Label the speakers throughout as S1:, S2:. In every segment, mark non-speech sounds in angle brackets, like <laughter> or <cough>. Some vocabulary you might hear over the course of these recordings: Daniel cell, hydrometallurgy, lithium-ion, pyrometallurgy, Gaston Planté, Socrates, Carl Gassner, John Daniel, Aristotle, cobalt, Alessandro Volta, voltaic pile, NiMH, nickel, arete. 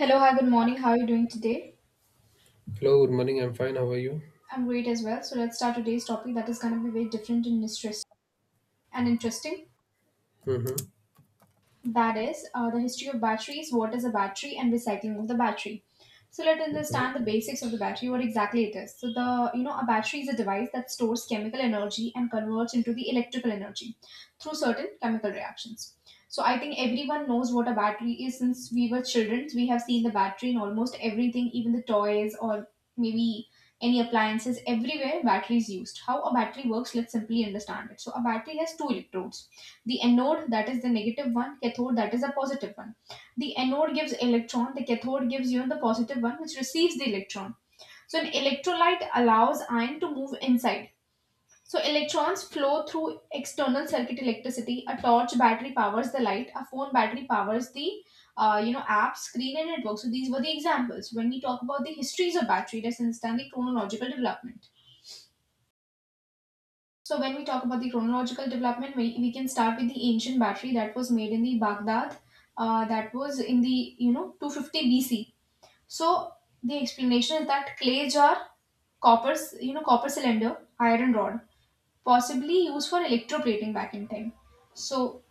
S1: Hello, hi, good morning. How are you doing today?
S2: Hello, good morning. I'm fine. How are you?
S1: I'm great as well. So let's start today's topic that is going to be very different and interesting.
S2: Mm-hmm.
S1: That is the history of batteries, what is a battery, and recycling of the battery. So let's understand the basics of the battery, what exactly it is. So the you know a battery is a device that stores chemical energy and converts into the electrical energy through certain chemical reactions. So I think everyone knows what a battery is since we were children. We have seen the battery in almost everything, even the toys or maybe any appliances. Everywhere battery is used. How a battery works, let's simply understand it. So a battery has two electrodes, the anode that is the negative one, cathode that is the positive one. The anode gives electron, the cathode gives you the positive one which receives the electron. So an electrolyte allows ion to move inside, so electrons flow through external circuit electricity. A torch battery powers the light, a phone battery powers the app screen and network. So these were the examples. When we talk about the histories of battery, let's understand the chronological development. So when we talk about the chronological development, we can start with the ancient battery that was made in the Baghdad, that was in the 250 BC. So the explanation is that clay jar, copper c- you know copper cylinder, iron rod, possibly used for electroplating back in time. So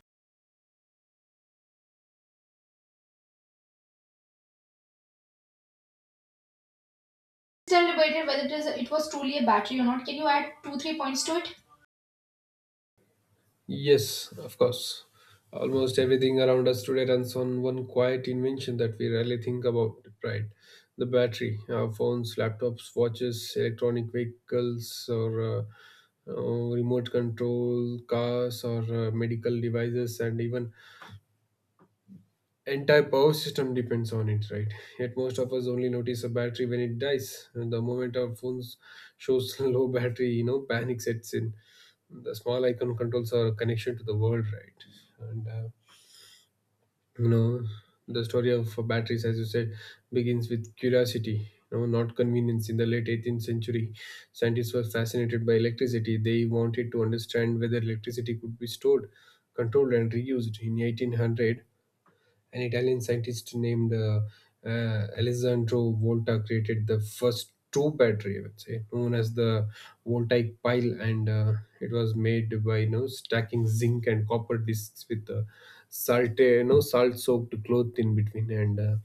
S1: still debated whether it was truly a battery or not. Can you add two three points to it?
S2: Yes, of course. Almost everything around us today runs on one quiet invention that we rarely think about, right? The battery, our phones, laptops, watches, electronic vehicles, or uh, remote control cars, or medical devices, and even entire power system depends on it, right? Yet most of us only notice a battery when it dies. And the moment our phones shows <laughs> low battery, panic sets in. The small icon controls our connection to the world, right? You know, the story of batteries, as you said, begins with curiosity. You know, not convenience. In the late 18th century, scientists were fascinated by electricity. They wanted to understand whether electricity could be stored, controlled, and reused. In 1800, an Italian scientist named Alessandro Volta created the first true battery, I would say, known as the voltaic pile, and it was made by you know stacking zinc and copper discs with salt, you know, salt-soaked cloth in between, and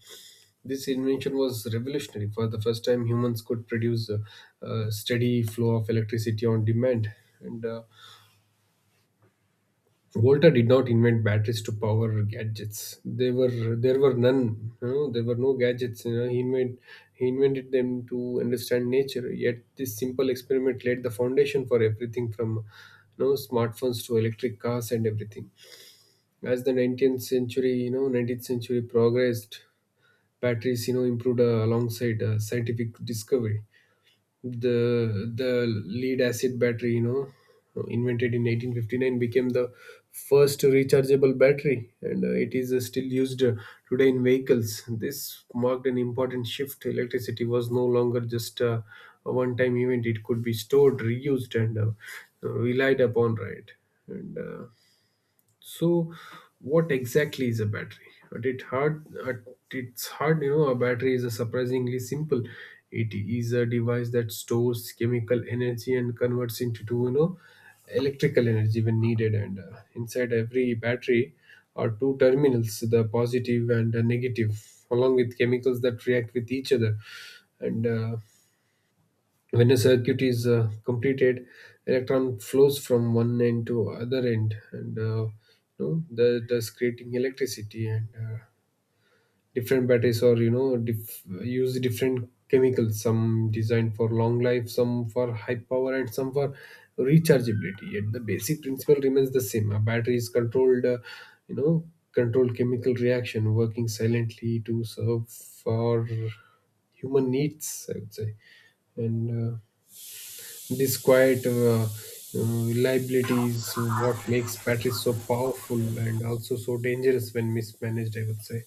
S2: this invention was revolutionary. For the first time, humans could produce a steady flow of electricity on demand, and Volta did not invent batteries to power gadgets. They were There were none. You know, there were no gadgets. He invented them to understand nature. Yet this simple experiment laid the foundation for everything from you know smartphones to electric cars and everything. As the 19th century, progressed, batteries you know improved alongside scientific discovery. The lead acid battery you know invented in 1859 became the first rechargeable battery, and it is still used today in vehicles. This marked an important shift. Electricity was no longer just a one time event. It could be stored, reused, and relied upon, right? and uh, so, what exactly is a battery? At it hard, at its hard, you know, a battery is a surprisingly simple. It is a device that stores chemical energy and converts into, you know, electrical energy when needed. And inside every battery are two terminals, the positive and the negative, along with chemicals that react with each other. And when a circuit is completed, electron flows from one end to other end, and you know, thus creating electricity. And different batteries are you know use different chemicals. Some designed for long life, some for high power, and some for rechargeability. Yet the basic principle remains the same. A battery is you know, controlled chemical reaction, working silently to serve for human needs, I would say. And this quiet reliability is what makes batteries so powerful and also so dangerous when mismanaged, I would say.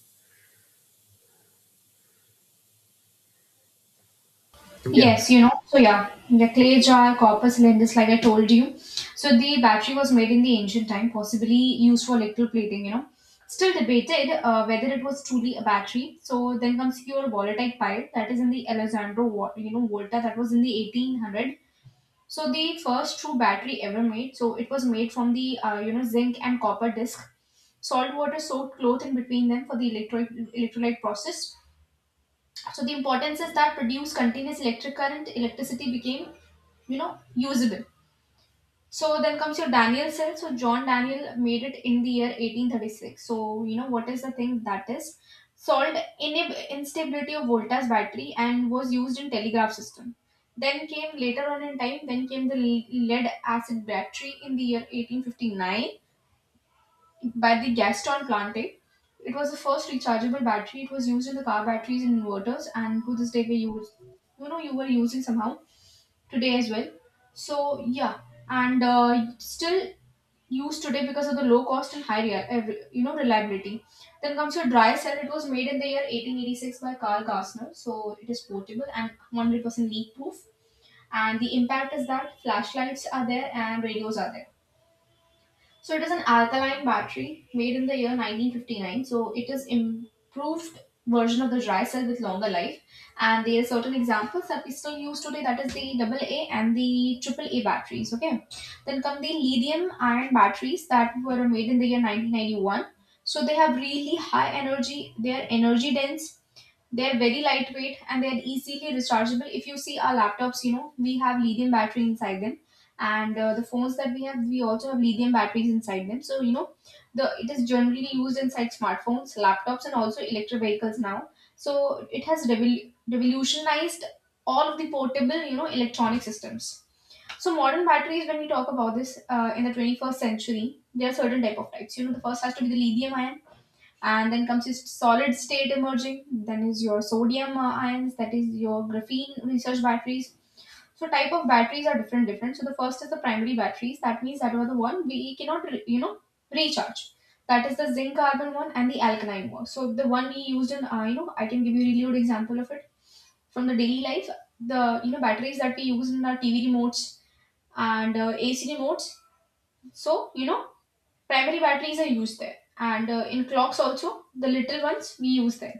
S2: Yeah.
S1: Yes, you know, so yeah, the clay jar, copper cylinders, like I told you. So the battery was made in the ancient time, possibly used for electrical plating, you know. Still debated whether it was truly a battery. So then comes your volatile pile, that is in the Alessandro Volta, that was in the 1800. So the first true battery ever made. So it was made from the, zinc and copper disc. Salt water soaked cloth in between them for the electrolyte process. So the importance is that produce continuous electric current, electricity became, you know, usable. So then comes your Daniel cell. So John Daniel made it in the year 1836. So you know what is the thing that is solved, instability of voltage battery and was used in telegraph system. Then came later on in time, then came the lead acid battery in the year 1859 by the Gaston Plante. It was the first rechargeable battery. It was used in the car batteries and inverters, and to this day we use. You know, you were using somehow today as well. So yeah, and still used today because of the low cost and high you know reliability. Then comes your dry cell. It was made in the year 1886 by Carl Gassner, so it is portable and 100% leak proof. And the impact is that flashlights are there and radios are there. So it is an alkaline battery made in the year 1959. So it is improved version of the dry cell with longer life. And there are certain examples that we still use today. That is the double A and the triple A batteries. Okay. Then come the lithium ion batteries that were made in the year 1991. So they have really high energy. They are energy dense, they're very lightweight, and they're easily rechargeable. If you see our laptops, you know, we have lithium battery inside them. And the phones that we have, we also have lithium batteries inside them. So, you know, the it is generally used inside smartphones, laptops, and also electric vehicles now. So it has revolutionized all of the portable, you know, electronic systems. So modern batteries, when we talk about this in the 21st century, there are certain type of types. You know, the first has to be the lithium ion, and then comes this solid state emerging, then is your sodium ions, that is your graphene research batteries. So type of batteries are different different. So the first is the primary batteries, that means that were the one we cannot recharge, that is the zinc carbon one and the alkaline one. So the one we used in I can give you really good example of it from the daily life, the batteries that we use in our tv remotes and ac remotes. So you know primary batteries are used there, and in clocks also the little ones we use them.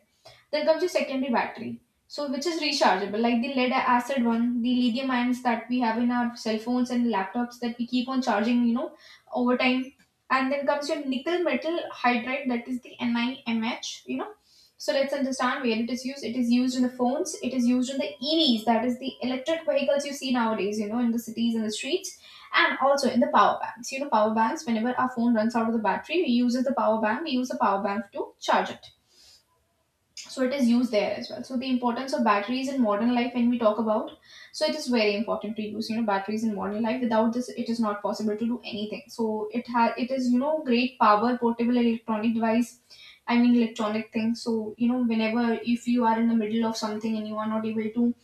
S1: Then comes the secondary battery, so which is rechargeable, like the lead acid one, the lithium ions that we have in our cell phones and laptops that we keep on charging, you know, over time. And then comes your nickel metal hydride, that is the NiMH, you know. So let's understand where it is used. It is used in the phones, it is used in the EVs, that is the electric vehicles you see nowadays, you know, in the cities and the streets, and also in the power banks. You know, power banks, whenever our phone runs out of the battery, we use the power bank, we use the power bank to charge it. So it is used there as well. So the importance of batteries in modern life, when we talk about, so it is very important to use, you know, batteries in modern life. Without this it is not possible to do anything. So it has, it is, you know, great power, portable electronic device, I mean electronic thing. So you know, whenever if you are in the middle of something and you are not able to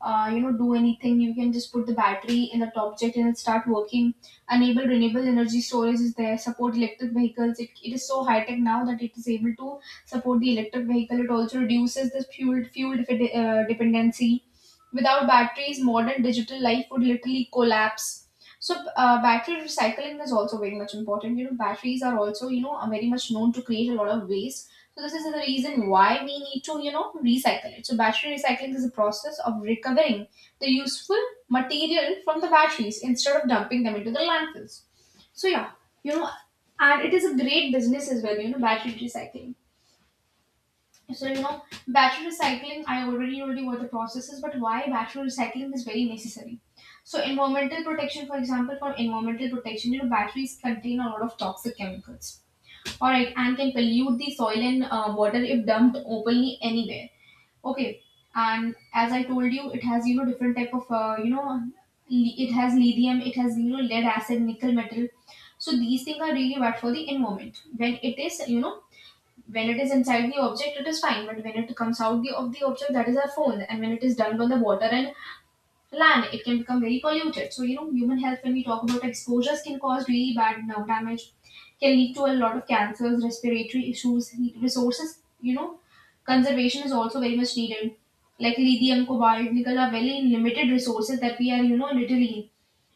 S1: do anything, you can just put the battery in the top jet and it start working. Enable renewable energy storage is there, support electric vehicles. It is so high tech now that it is able to support the electric vehicle. It also reduces the fuel dependency. Without batteries modern digital life would literally collapse. So battery recycling is also very much important. You know, batteries are also, you know, are very much known to create a lot of waste. So this is the reason why we need to, you know, recycle it. So battery recycling is a process of recovering the useful material from the batteries instead of dumping them into the landfills. So yeah, you know, and it is a great business as well. You know, battery recycling, so you know, battery recycling. I already told you what the process is, but why battery recycling is very necessary. So environmental protection, for example, for environmental protection, you know, batteries contain a lot of toxic chemicals. All right, and can pollute the soil and water if dumped openly anywhere. Okay, and as I told you, it has, you know, different type of, it has lithium, it has, you know, lead acid, nickel metal. So these things are really bad for the environment when it is, you know, when it is inside the object it is fine, but when it comes out of the object, that is our phone, and when it is dumped on the water and land, it can become very polluted. So you know, human health, when we talk about, exposures can cause really bad nerve damage, can lead to a lot of cancers, respiratory issues. Resources, you know, conservation is also very much needed. Like lithium, cobalt, nickel are very limited resources that we are, you know, literally,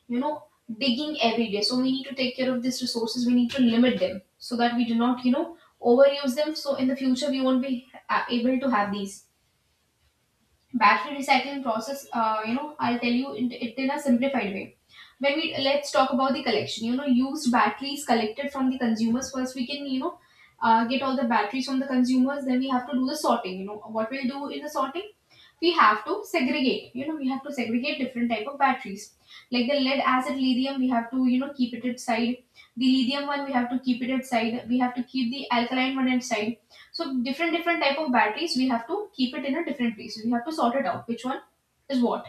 S1: you know, digging every day. So we need to take care of these resources, we need to limit them, so that we do not, you know, overuse them, so in the future we won't be able to have these. Battery recycling process, you know, I'll tell you it in a simplified way. When we, let's talk about the collection. You know, used batteries collected from the consumers first. We can, you know, get all the batteries from the consumers, then we have to do the sorting. You know what we'll do in the sorting, we have to segregate, you know, we have to segregate different type of batteries, like the lead acid, lithium. We have to, you know, keep it aside, the lithium one we have to keep it aside, we have to keep the alkaline one aside. So different different type of batteries, we have to keep it in a different place. We have to sort it out which one is what.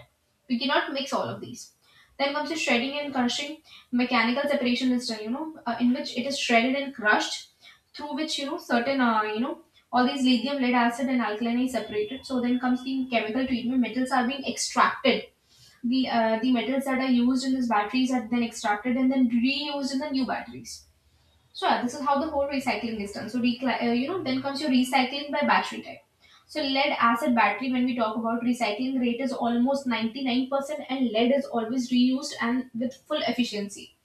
S1: We cannot mix all of these. Then comes the shredding and crushing. Mechanical separation is done. In which it is shredded and crushed, through which you know certain you know all these lithium, lead acid, and alkaline is separated. So then comes the chemical treatment. Metals are being extracted. The metals that are used in these batteries are then extracted and then reused in the new batteries. So yeah, this is how the whole recycling is done. So then comes your recycling by battery type. So lead acid battery, when we talk about recycling rate, is almost 99%, and lead is always reused and with full efficiency.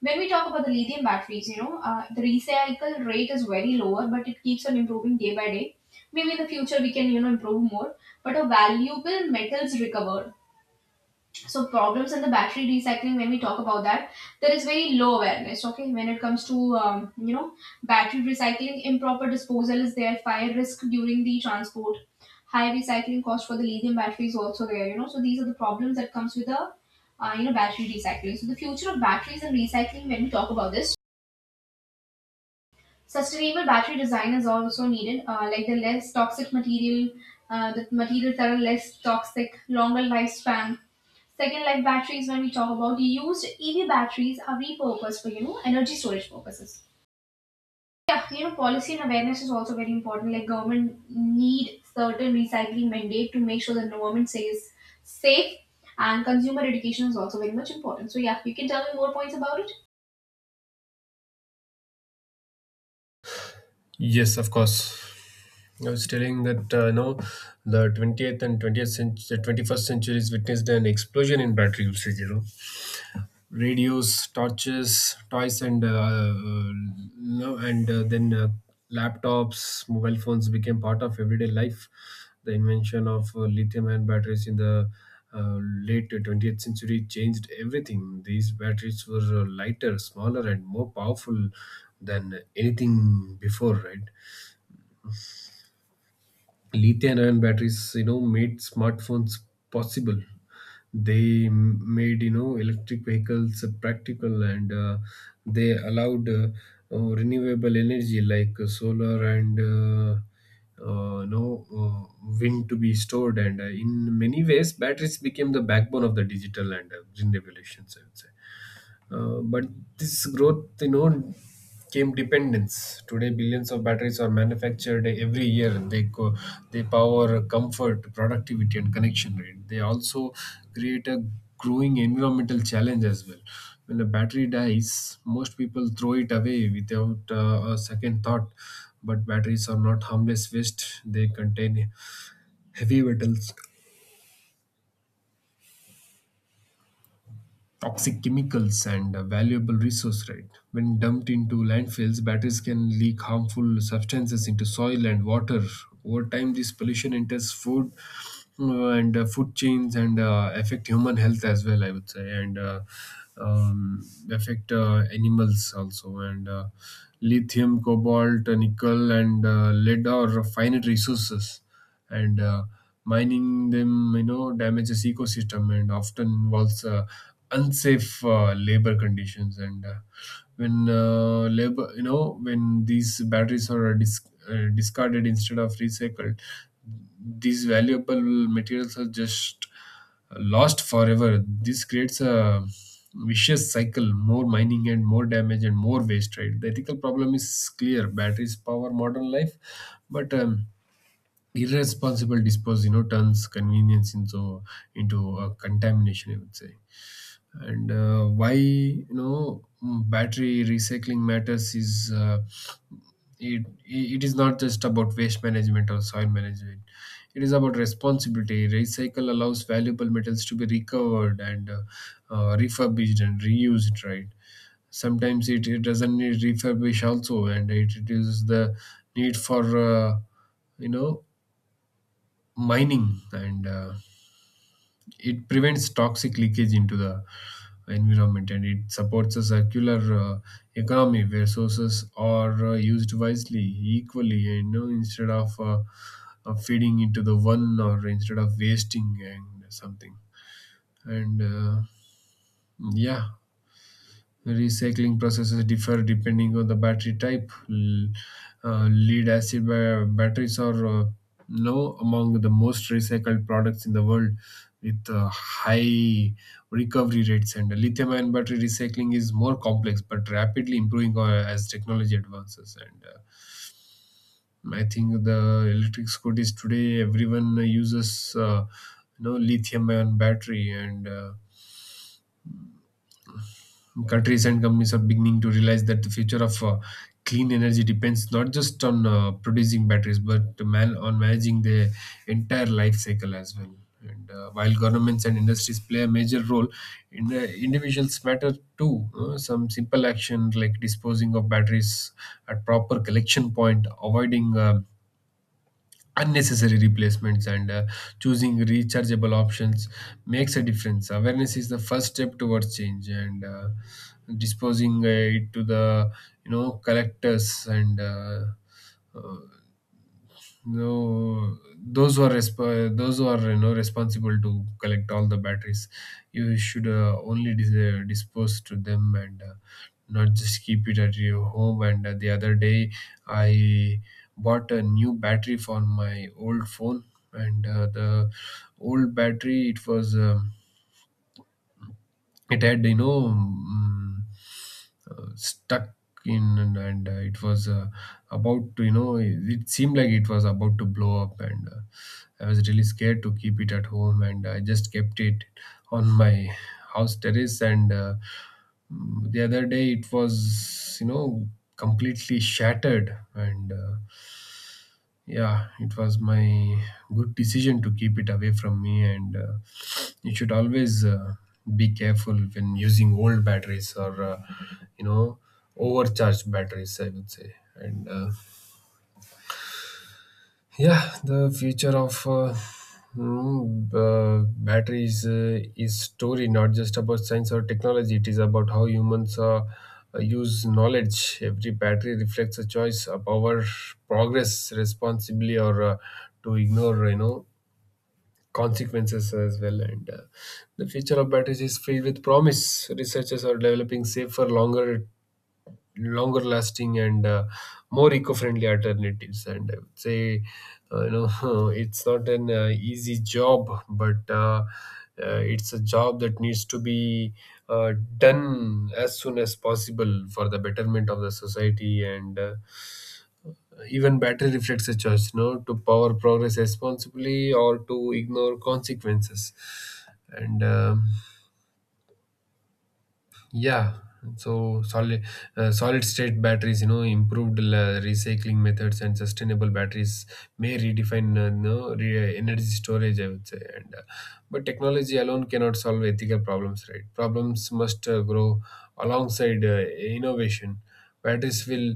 S1: When we talk about the lithium batteries, the recycle rate is very lower, but it keeps on improving day by day. Maybe in the future we can, improve more. But a valuable metals recovered. So problems in the battery recycling, when we talk about that, there is very low awareness. Okay, when it comes to battery recycling, improper disposal is there, fire risk during the transport, high recycling cost for the lithium battery is also there, you know. So these are the problems that comes with the battery recycling. So the future of batteries and recycling, when we talk about this, sustainable battery design is also needed, like the less toxic material, the materials that are less toxic, longer lifespan. Second life batteries, when we talk about used EV batteries, are repurposed for energy storage purposes. Yeah, you know, policy and awareness is also very important. Like government need certain recycling mandate to make sure the environment stays safe, and consumer education is also very much important. So yeah, you can tell me more points about it.
S2: Yes, of course. I was telling that uh, no, the 20th and 20th, the 21st centuries witnessed an explosion in battery usage. You know, radios, torches, toys, and no, and then laptops, mobile phones became part of everyday life. The invention of lithium-ion batteries in the late 20th century changed everything. These batteries were lighter, smaller, and more powerful than anything before, right? Lithium ion batteries you know made smartphones possible. They made you know electric vehicles practical, and they allowed renewable energy like solar and wind to be stored. And in many ways, batteries became the backbone of the digital and green revolutions, I would say. But this growth, you know, came dependence. Today, billions of batteries are manufactured every year. They power comfort, productivity, and connection rate. They also create a growing environmental challenge as well. When a battery dies, most people throw it away without a second thought. But batteries are not harmless waste. They contain heavy metals, toxic chemicals, and a valuable resource, right? When dumped into landfills, batteries can leak harmful substances into soil and water. Over time, this pollution enters food and food chains and affect human health as well, I would say. And uh, um, affect animals also. And lithium, cobalt, nickel, and lead are finite resources, and mining them you know damages ecosystem and often involves unsafe labor conditions. And when labor you know When these batteries are discarded instead of recycled, these valuable materials are just lost forever. This creates a vicious cycle, more mining and more damage and more waste, right? The ethical problem is clear. Batteries power modern life, but irresponsible dispose you know turns convenience into a contamination, I would say. And Why you know battery recycling matters is it is not just about waste management or soil management. It is about responsibility. Recycle allows valuable metals to be recovered and refurbished and reused, right? Sometimes it doesn't need refurbish also, and it reduces the need for you know mining. And it prevents toxic leakage into the environment, and it supports a circular economy where sources are used wisely equally, you know, instead of feeding into the one or instead of wasting and something. And yeah Recycling processes differ depending on the battery type. Lead acid batteries are now among the most recycled products in the world with high recovery rates, and lithium ion battery recycling is more complex but rapidly improving as technology advances. And I think the electric scooters today, everyone uses you know lithium ion battery. And countries and companies are beginning to realize that the future of clean energy depends not just on producing batteries, but on managing the entire life cycle as well. And while governments and industries play a major role, individuals matter too. Some simple action like disposing of batteries at proper collection point, avoiding unnecessary replacements and choosing rechargeable options makes a difference. Awareness is the first step towards change. And disposing it to the you know collectors and uh, no those who are those who are you know responsible to collect all the batteries, you should only dispose to them and not just keep it at your home. And the other day, I bought a new battery for my old phone. And the old battery, it was it had you know stuck in, and it was about to you know it seemed like it was about to blow up. And I was really scared to keep it at home, and I just kept it on my house terrace. And the other day, it was you know completely shattered. And yeah, it was my good decision to keep it away from me. And you should always be careful when using old batteries or you know overcharged batteries, I would say. And yeah, the future of batteries is story, not just about science or technology. It is about how humans use knowledge. Every battery reflects a choice of our progress responsibly or to ignore, you know, consequences as well. And the future of batteries is filled with promise. Researchers are developing safer, longer lasting and more eco-friendly alternatives, and I would say uh, you know <laughs> it's not an easy job, but it's a job that needs to be uh, done as soon as possible for the betterment of the society. And even battery reflects a choice, you know, to power progress responsibly or to ignore consequences. And Yeah, so solid solid state batteries, you know, improved recycling methods and sustainable batteries may redefine no, re- energy storage, I would say. And but technology alone cannot solve ethical problems, right? Problems must grow alongside innovation. Patterns will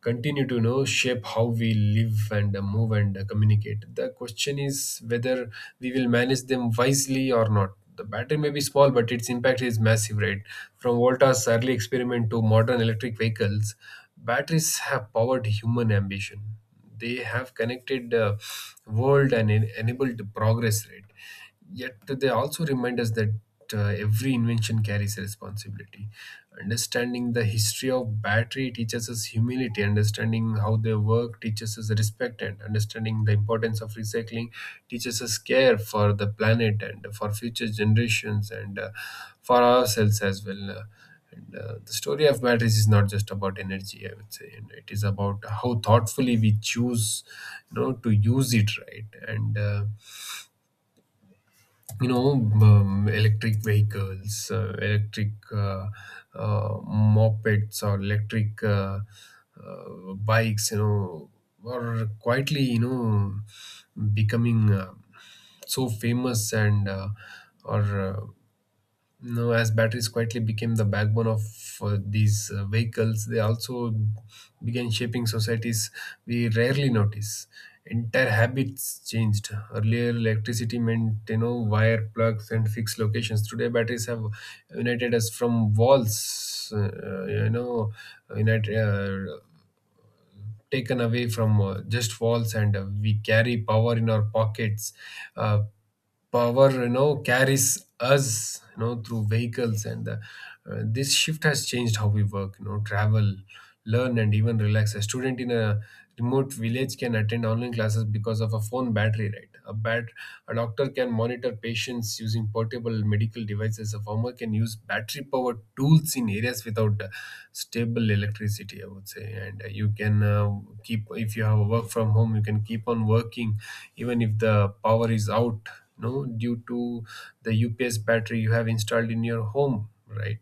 S2: continue to you know shape how we live and move and communicate. The question is whether we will manage them wisely or not. The battery may be small, but its impact is massive, right? From Volta's early experiment to modern electric vehicles, batteries have powered human ambition. They have connected the world and enabled progress, right? Yet they also remind us that every invention carries a responsibility. Understanding the history of battery teaches us humility. Understanding how they work teaches us respect, and understanding the importance of recycling teaches us care for the planet and for future generations and for ourselves as well. And The story of batteries is not just about energy, I would say, and it is about how thoughtfully we choose, to use it, right? And you know Electric vehicles, electric, mopeds, or electric, bikes, are quietly, becoming so famous, and are no, as batteries quietly became the backbone of these vehicles, they also began shaping societies we rarely notice. Entire habits changed. Earlier, electricity meant wire plugs and fixed locations. Today, batteries have united us from walls. You know, united. Taken away from just walls, and we carry power in our pockets, uh, power, carries us, through vehicles, and this shift has changed how we work, travel, learn, and even relax. A student in a remote village can attend online classes because of a phone battery, right? A doctor can monitor patients using portable medical devices. A farmer can use battery powered tools in areas without stable electricity, I would say. And you can, keep, if you have a work from home, you can keep on working even if the power is out, no, due to the UPS battery you have installed in your home, right?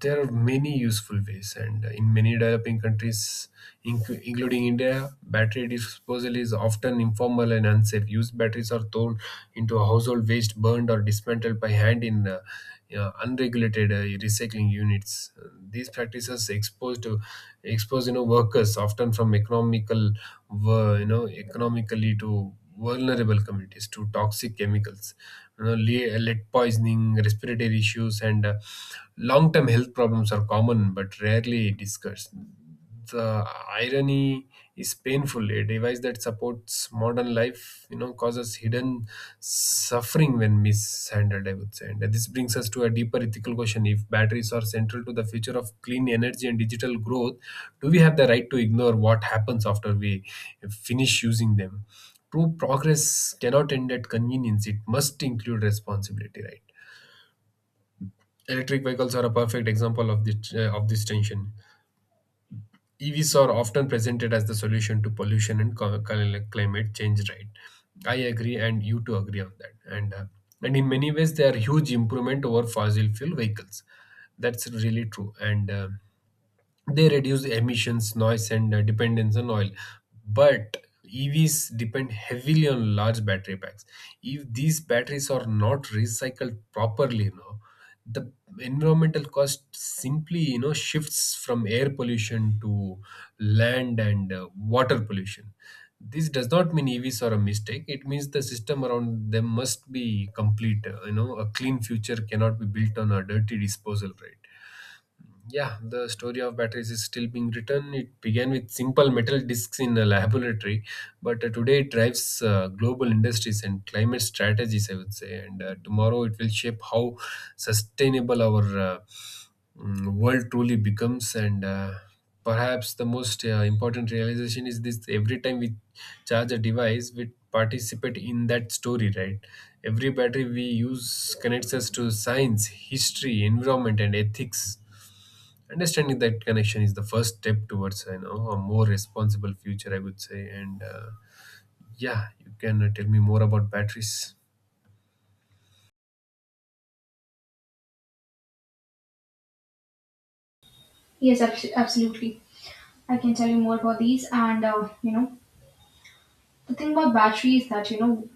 S2: There are many useful ways. And in many developing countries, including India, battery disposal is often informal and unsafe. Used batteries are thrown into a household waste, burned, or dismantled by hand in, unregulated recycling units. These practices expose to expose, workers, often from economical, economically to vulnerable communities, to toxic chemicals, lead poisoning, respiratory issues, and long term health problems are common but rarely discussed. The irony is painful. A device that supports modern life, causes hidden suffering when mishandled, I would say. And this brings us to a deeper ethical question. If batteries are central to the future of clean energy and digital growth, do we have the right to ignore what happens after we finish using them? True progress cannot end at convenience, it must include responsibility, right? Electric vehicles are a perfect example of of this tension. EVs are often presented as the solution to pollution and climate change, right? I agree, and you too agree on that. And in many ways, they are huge improvement over fossil fuel vehicles. That's really true. And they reduce emissions, noise, and dependence on oil. But EVs depend heavily on large battery packs. If these batteries are not recycled properly, the environmental cost simply, shifts from air pollution to land and water pollution. This does not mean EVs are a mistake. It means the system around them must be complete. A clean future cannot be built on a dirty disposal rate. Yeah, the story of batteries is still being written. It began with simple metal discs in a laboratory, but today it drives global industries and climate strategies, I would say. And tomorrow it will shape how sustainable our world truly becomes. And perhaps the most important realization is this. Every time we charge a device, we participate in that story, right? Every battery we use connects us to science, history, environment, and ethics. Understanding that connection is the first step towards, a more responsible future, I would say. And yeah, you can tell me more about batteries.
S1: Yes, absolutely. I can tell you more about these. The thing about battery is that, you know,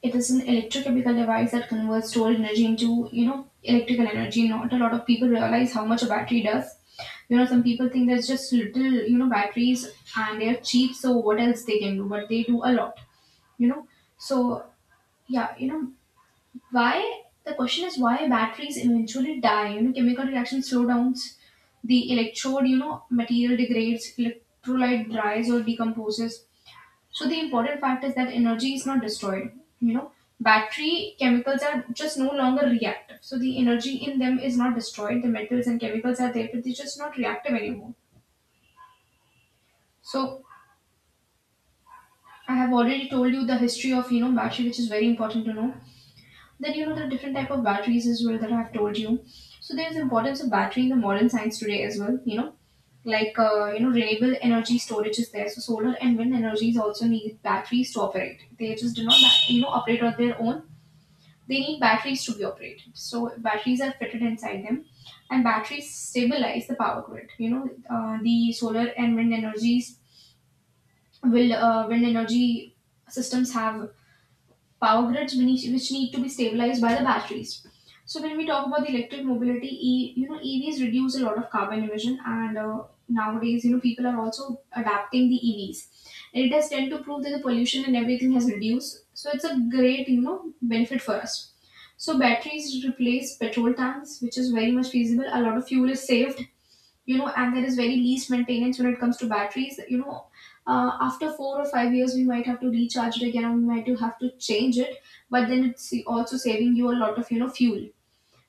S1: it is an electrochemical device that converts stored energy into, you know, electrical energy. Not a lot of people realize how much a battery does. You know, some people think there's just little, you know, batteries and they're cheap, so what else they can do? But they do a lot. You know, so yeah, you know, why the question is why batteries eventually die. You know, chemical reaction slow downs, the electrode, you know, material degrades, electrolyte dries or decomposes. So the important fact is that energy is not destroyed, you know. Battery chemicals are just no longer reactive, so the energy in them is not destroyed. The metals and chemicals are there, but they're just not reactive anymore. So I have already told you the history of, you know, battery, which is very important to know. Then you know the different type of batteries as well that I've told you. So there's importance of battery in the modern science today as well, you know, like renewable energy storage is there. So solar and wind energies also need batteries to operate. They just do not operate on their own. They need batteries to be operated, so batteries are fitted inside them, and batteries stabilize the power grid, you know. The solar and wind energies will, wind energy systems have power grids which need to be stabilized by the batteries. So when we talk about the electric mobility, you know, EVs reduce a lot of carbon emission, and nowadays you know people are also adapting the EVs. It does tend to prove that the pollution and everything has reduced, so it's a great, you know, benefit for us. So batteries replace petrol tanks, which is very much feasible. A lot of fuel is saved, you know, and there is very least maintenance when it comes to batteries, you know. Uh, after 4 or 5 years we might have to recharge it again and we might have to change it, but then it's also saving you a lot of, you know, fuel.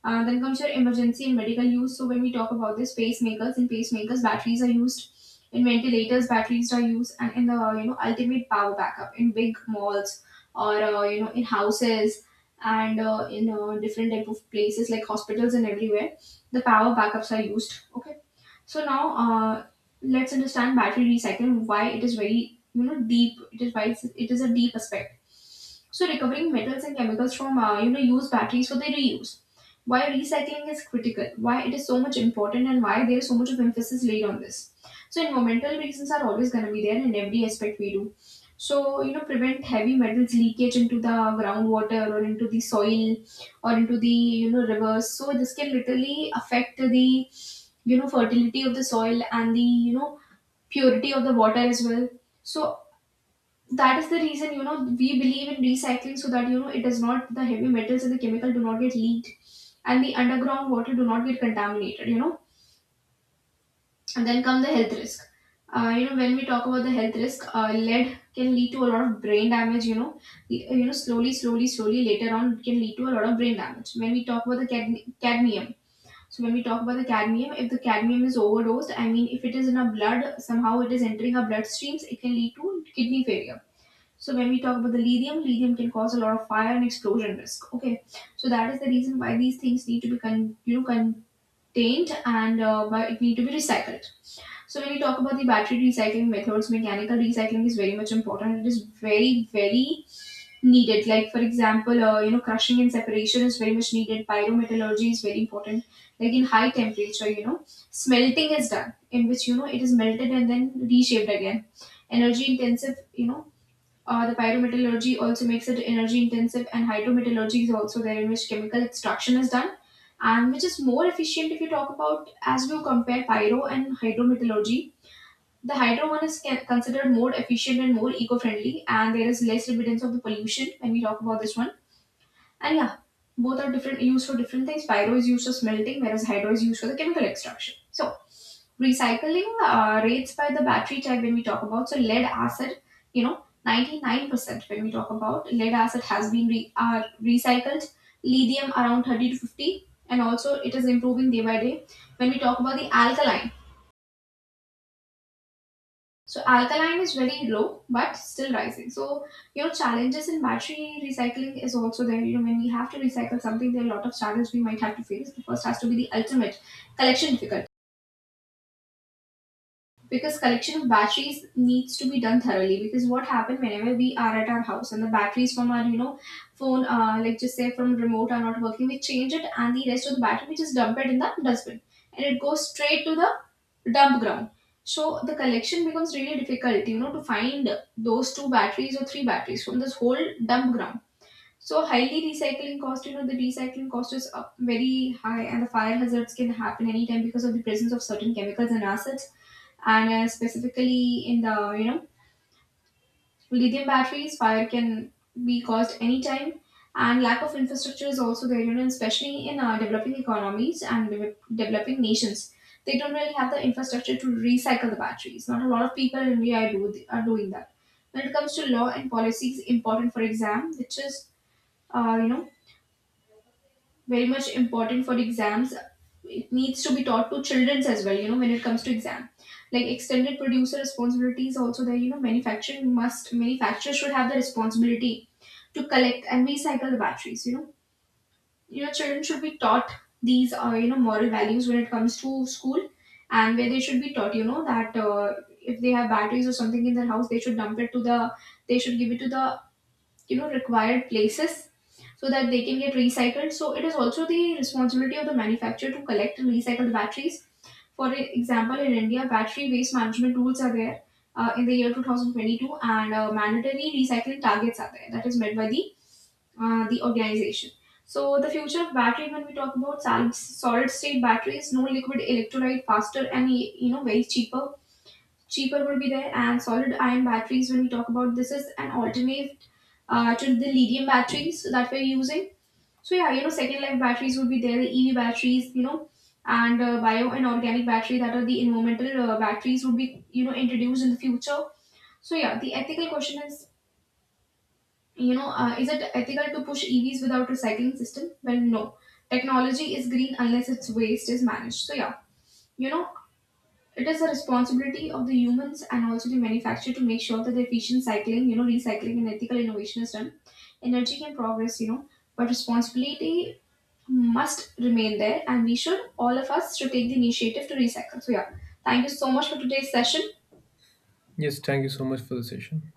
S1: Then comes your emergency and medical use. So when we talk about this, pacemakers batteries are used, in ventilators batteries are used, and in the, you know, ultimate power backup in big malls or, in houses, and in different type of places like hospitals and everywhere the power backups are used. Okay, so now let's understand battery recycle, why it is very, you know, deep. It is why it is a deep aspect. So recovering metals and chemicals from, used batteries for their reuse. Why recycling is critical, why it is so much important and why there is so much of emphasis laid on this. So environmental reasons are always going to be there in every aspect we do. So, you know, prevent heavy metals leakage into the groundwater or into the soil or into the, you know, rivers. So this can literally affect the, you know, fertility of the soil and the, you know, purity of the water as well. So that is the reason, you know, we believe in recycling so that, you know, it does not, the heavy metals and the chemical do not get leaked and the underground water do not get contaminated, you know. And then come the health risk. You know, when we talk about the health risk, lead can lead to a lot of brain damage, you know. You know, slowly slowly slowly later on it can lead to a lot of brain damage. When we talk about the cadmium, so when we talk about the cadmium, if the cadmium is overdosed, I mean if it is in our blood, somehow it is entering our bloodstreams, it can lead to kidney failure. So when we talk about the lithium, lithium can cause a lot of fire and explosion risk. Okay, so that is the reason why these things need to be contained and why it need to be recycled. So when we talk about the battery recycling methods, mechanical recycling is very much important. It is very very needed, like for example, you know, crushing and separation is very much needed. Pyrometallurgy is very important, like in high temperature, you know, smelting is done, in which, you know, it is melted and then reshaped again. Energy intensive, you know, the pyrometallurgy also makes it energy intensive. And hydrometallurgy is also there, in which chemical extraction is done, and which is more efficient if you talk about as we compare pyro and hydrometallurgy. The hydro one is considered more efficient and more eco-friendly, and there is less evidence of the pollution when we talk about this one. And yeah, both are different used for different things. Pyro is used for smelting, whereas hydro is used for the chemical extraction. So recycling rates by the battery type, when we talk about, so lead acid, you know, 99% when we talk about lead acid has been recycled, lithium around 30 to 50, and also it is improving day by day. When we talk about the alkaline, so alkaline is very low, but still rising. So you know challenges in battery recycling is also there. You know when we have to recycle something, there are a lot of challenges we might have to face. The first has to be the ultimate collection difficulty, because collection of batteries needs to be done thoroughly, because what happened, whenever we are at our house and the batteries from our, you know, phone, like just say from remote are not working, we change it and the rest of the battery we just dump it in the dustbin and it goes straight to the dump ground. So the collection becomes really difficult, you know, to find those two batteries or three batteries from this whole dump ground. So highly recycling cost, you know, the recycling cost is, very high, and the fire hazards can happen anytime because of the presence of certain chemicals and acids, and specifically in the, you know, lithium batteries fire can be caused anytime. And lack of infrastructure is also there, you know, especially in developing economies and developing nations. They don't really have the infrastructure to recycle the batteries. Not a lot of people in India are doing that. When it comes to law and policies important for exam, which is, uh, you know very much important for exams, it needs to be taught to childrens as well, you know, when it comes to exam. Like extended producer responsibility is also there, you know, manufacturing must manufacturers should have the responsibility to collect and recycle the batteries, you know. You know, children should be taught these, you know, moral values when it comes to school, and where they should be taught, you know, that if they have batteries or something in their house, they should dump it to the, they should give it to the, you know, required places, so that they can get recycled. So it is also the responsibility of the manufacturer to collect and recycle the batteries. For example, in India, battery waste management rules are there, in the year 2022, and mandatory recycling targets are there that is met by the, the organization. So the future of battery, when we talk about, solid state batteries, no liquid electrolyte, faster and, you know, very cheaper would be there. And solid ion batteries, when we talk about, this is an alternate to the lithium batteries that we're using. So yeah, you know, second life batteries would be there, the EV batteries, you know, and bio and organic battery that are the environmental, batteries would be, you know, introduced in the future. So yeah, the ethical question is, you know, is it ethical to push EVs without recycling system? Well, no technology is green unless its waste is managed. So yeah, you know, it is a responsibility of the humans and also the manufacturer to make sure that the efficient cycling, you know, recycling and ethical innovation is done. Energy can progress, you know, but responsibility must remain there, and we should all of us should take the initiative to recycle. So yeah, thank you so much for today's session.
S2: Yes, thank you so much for the session.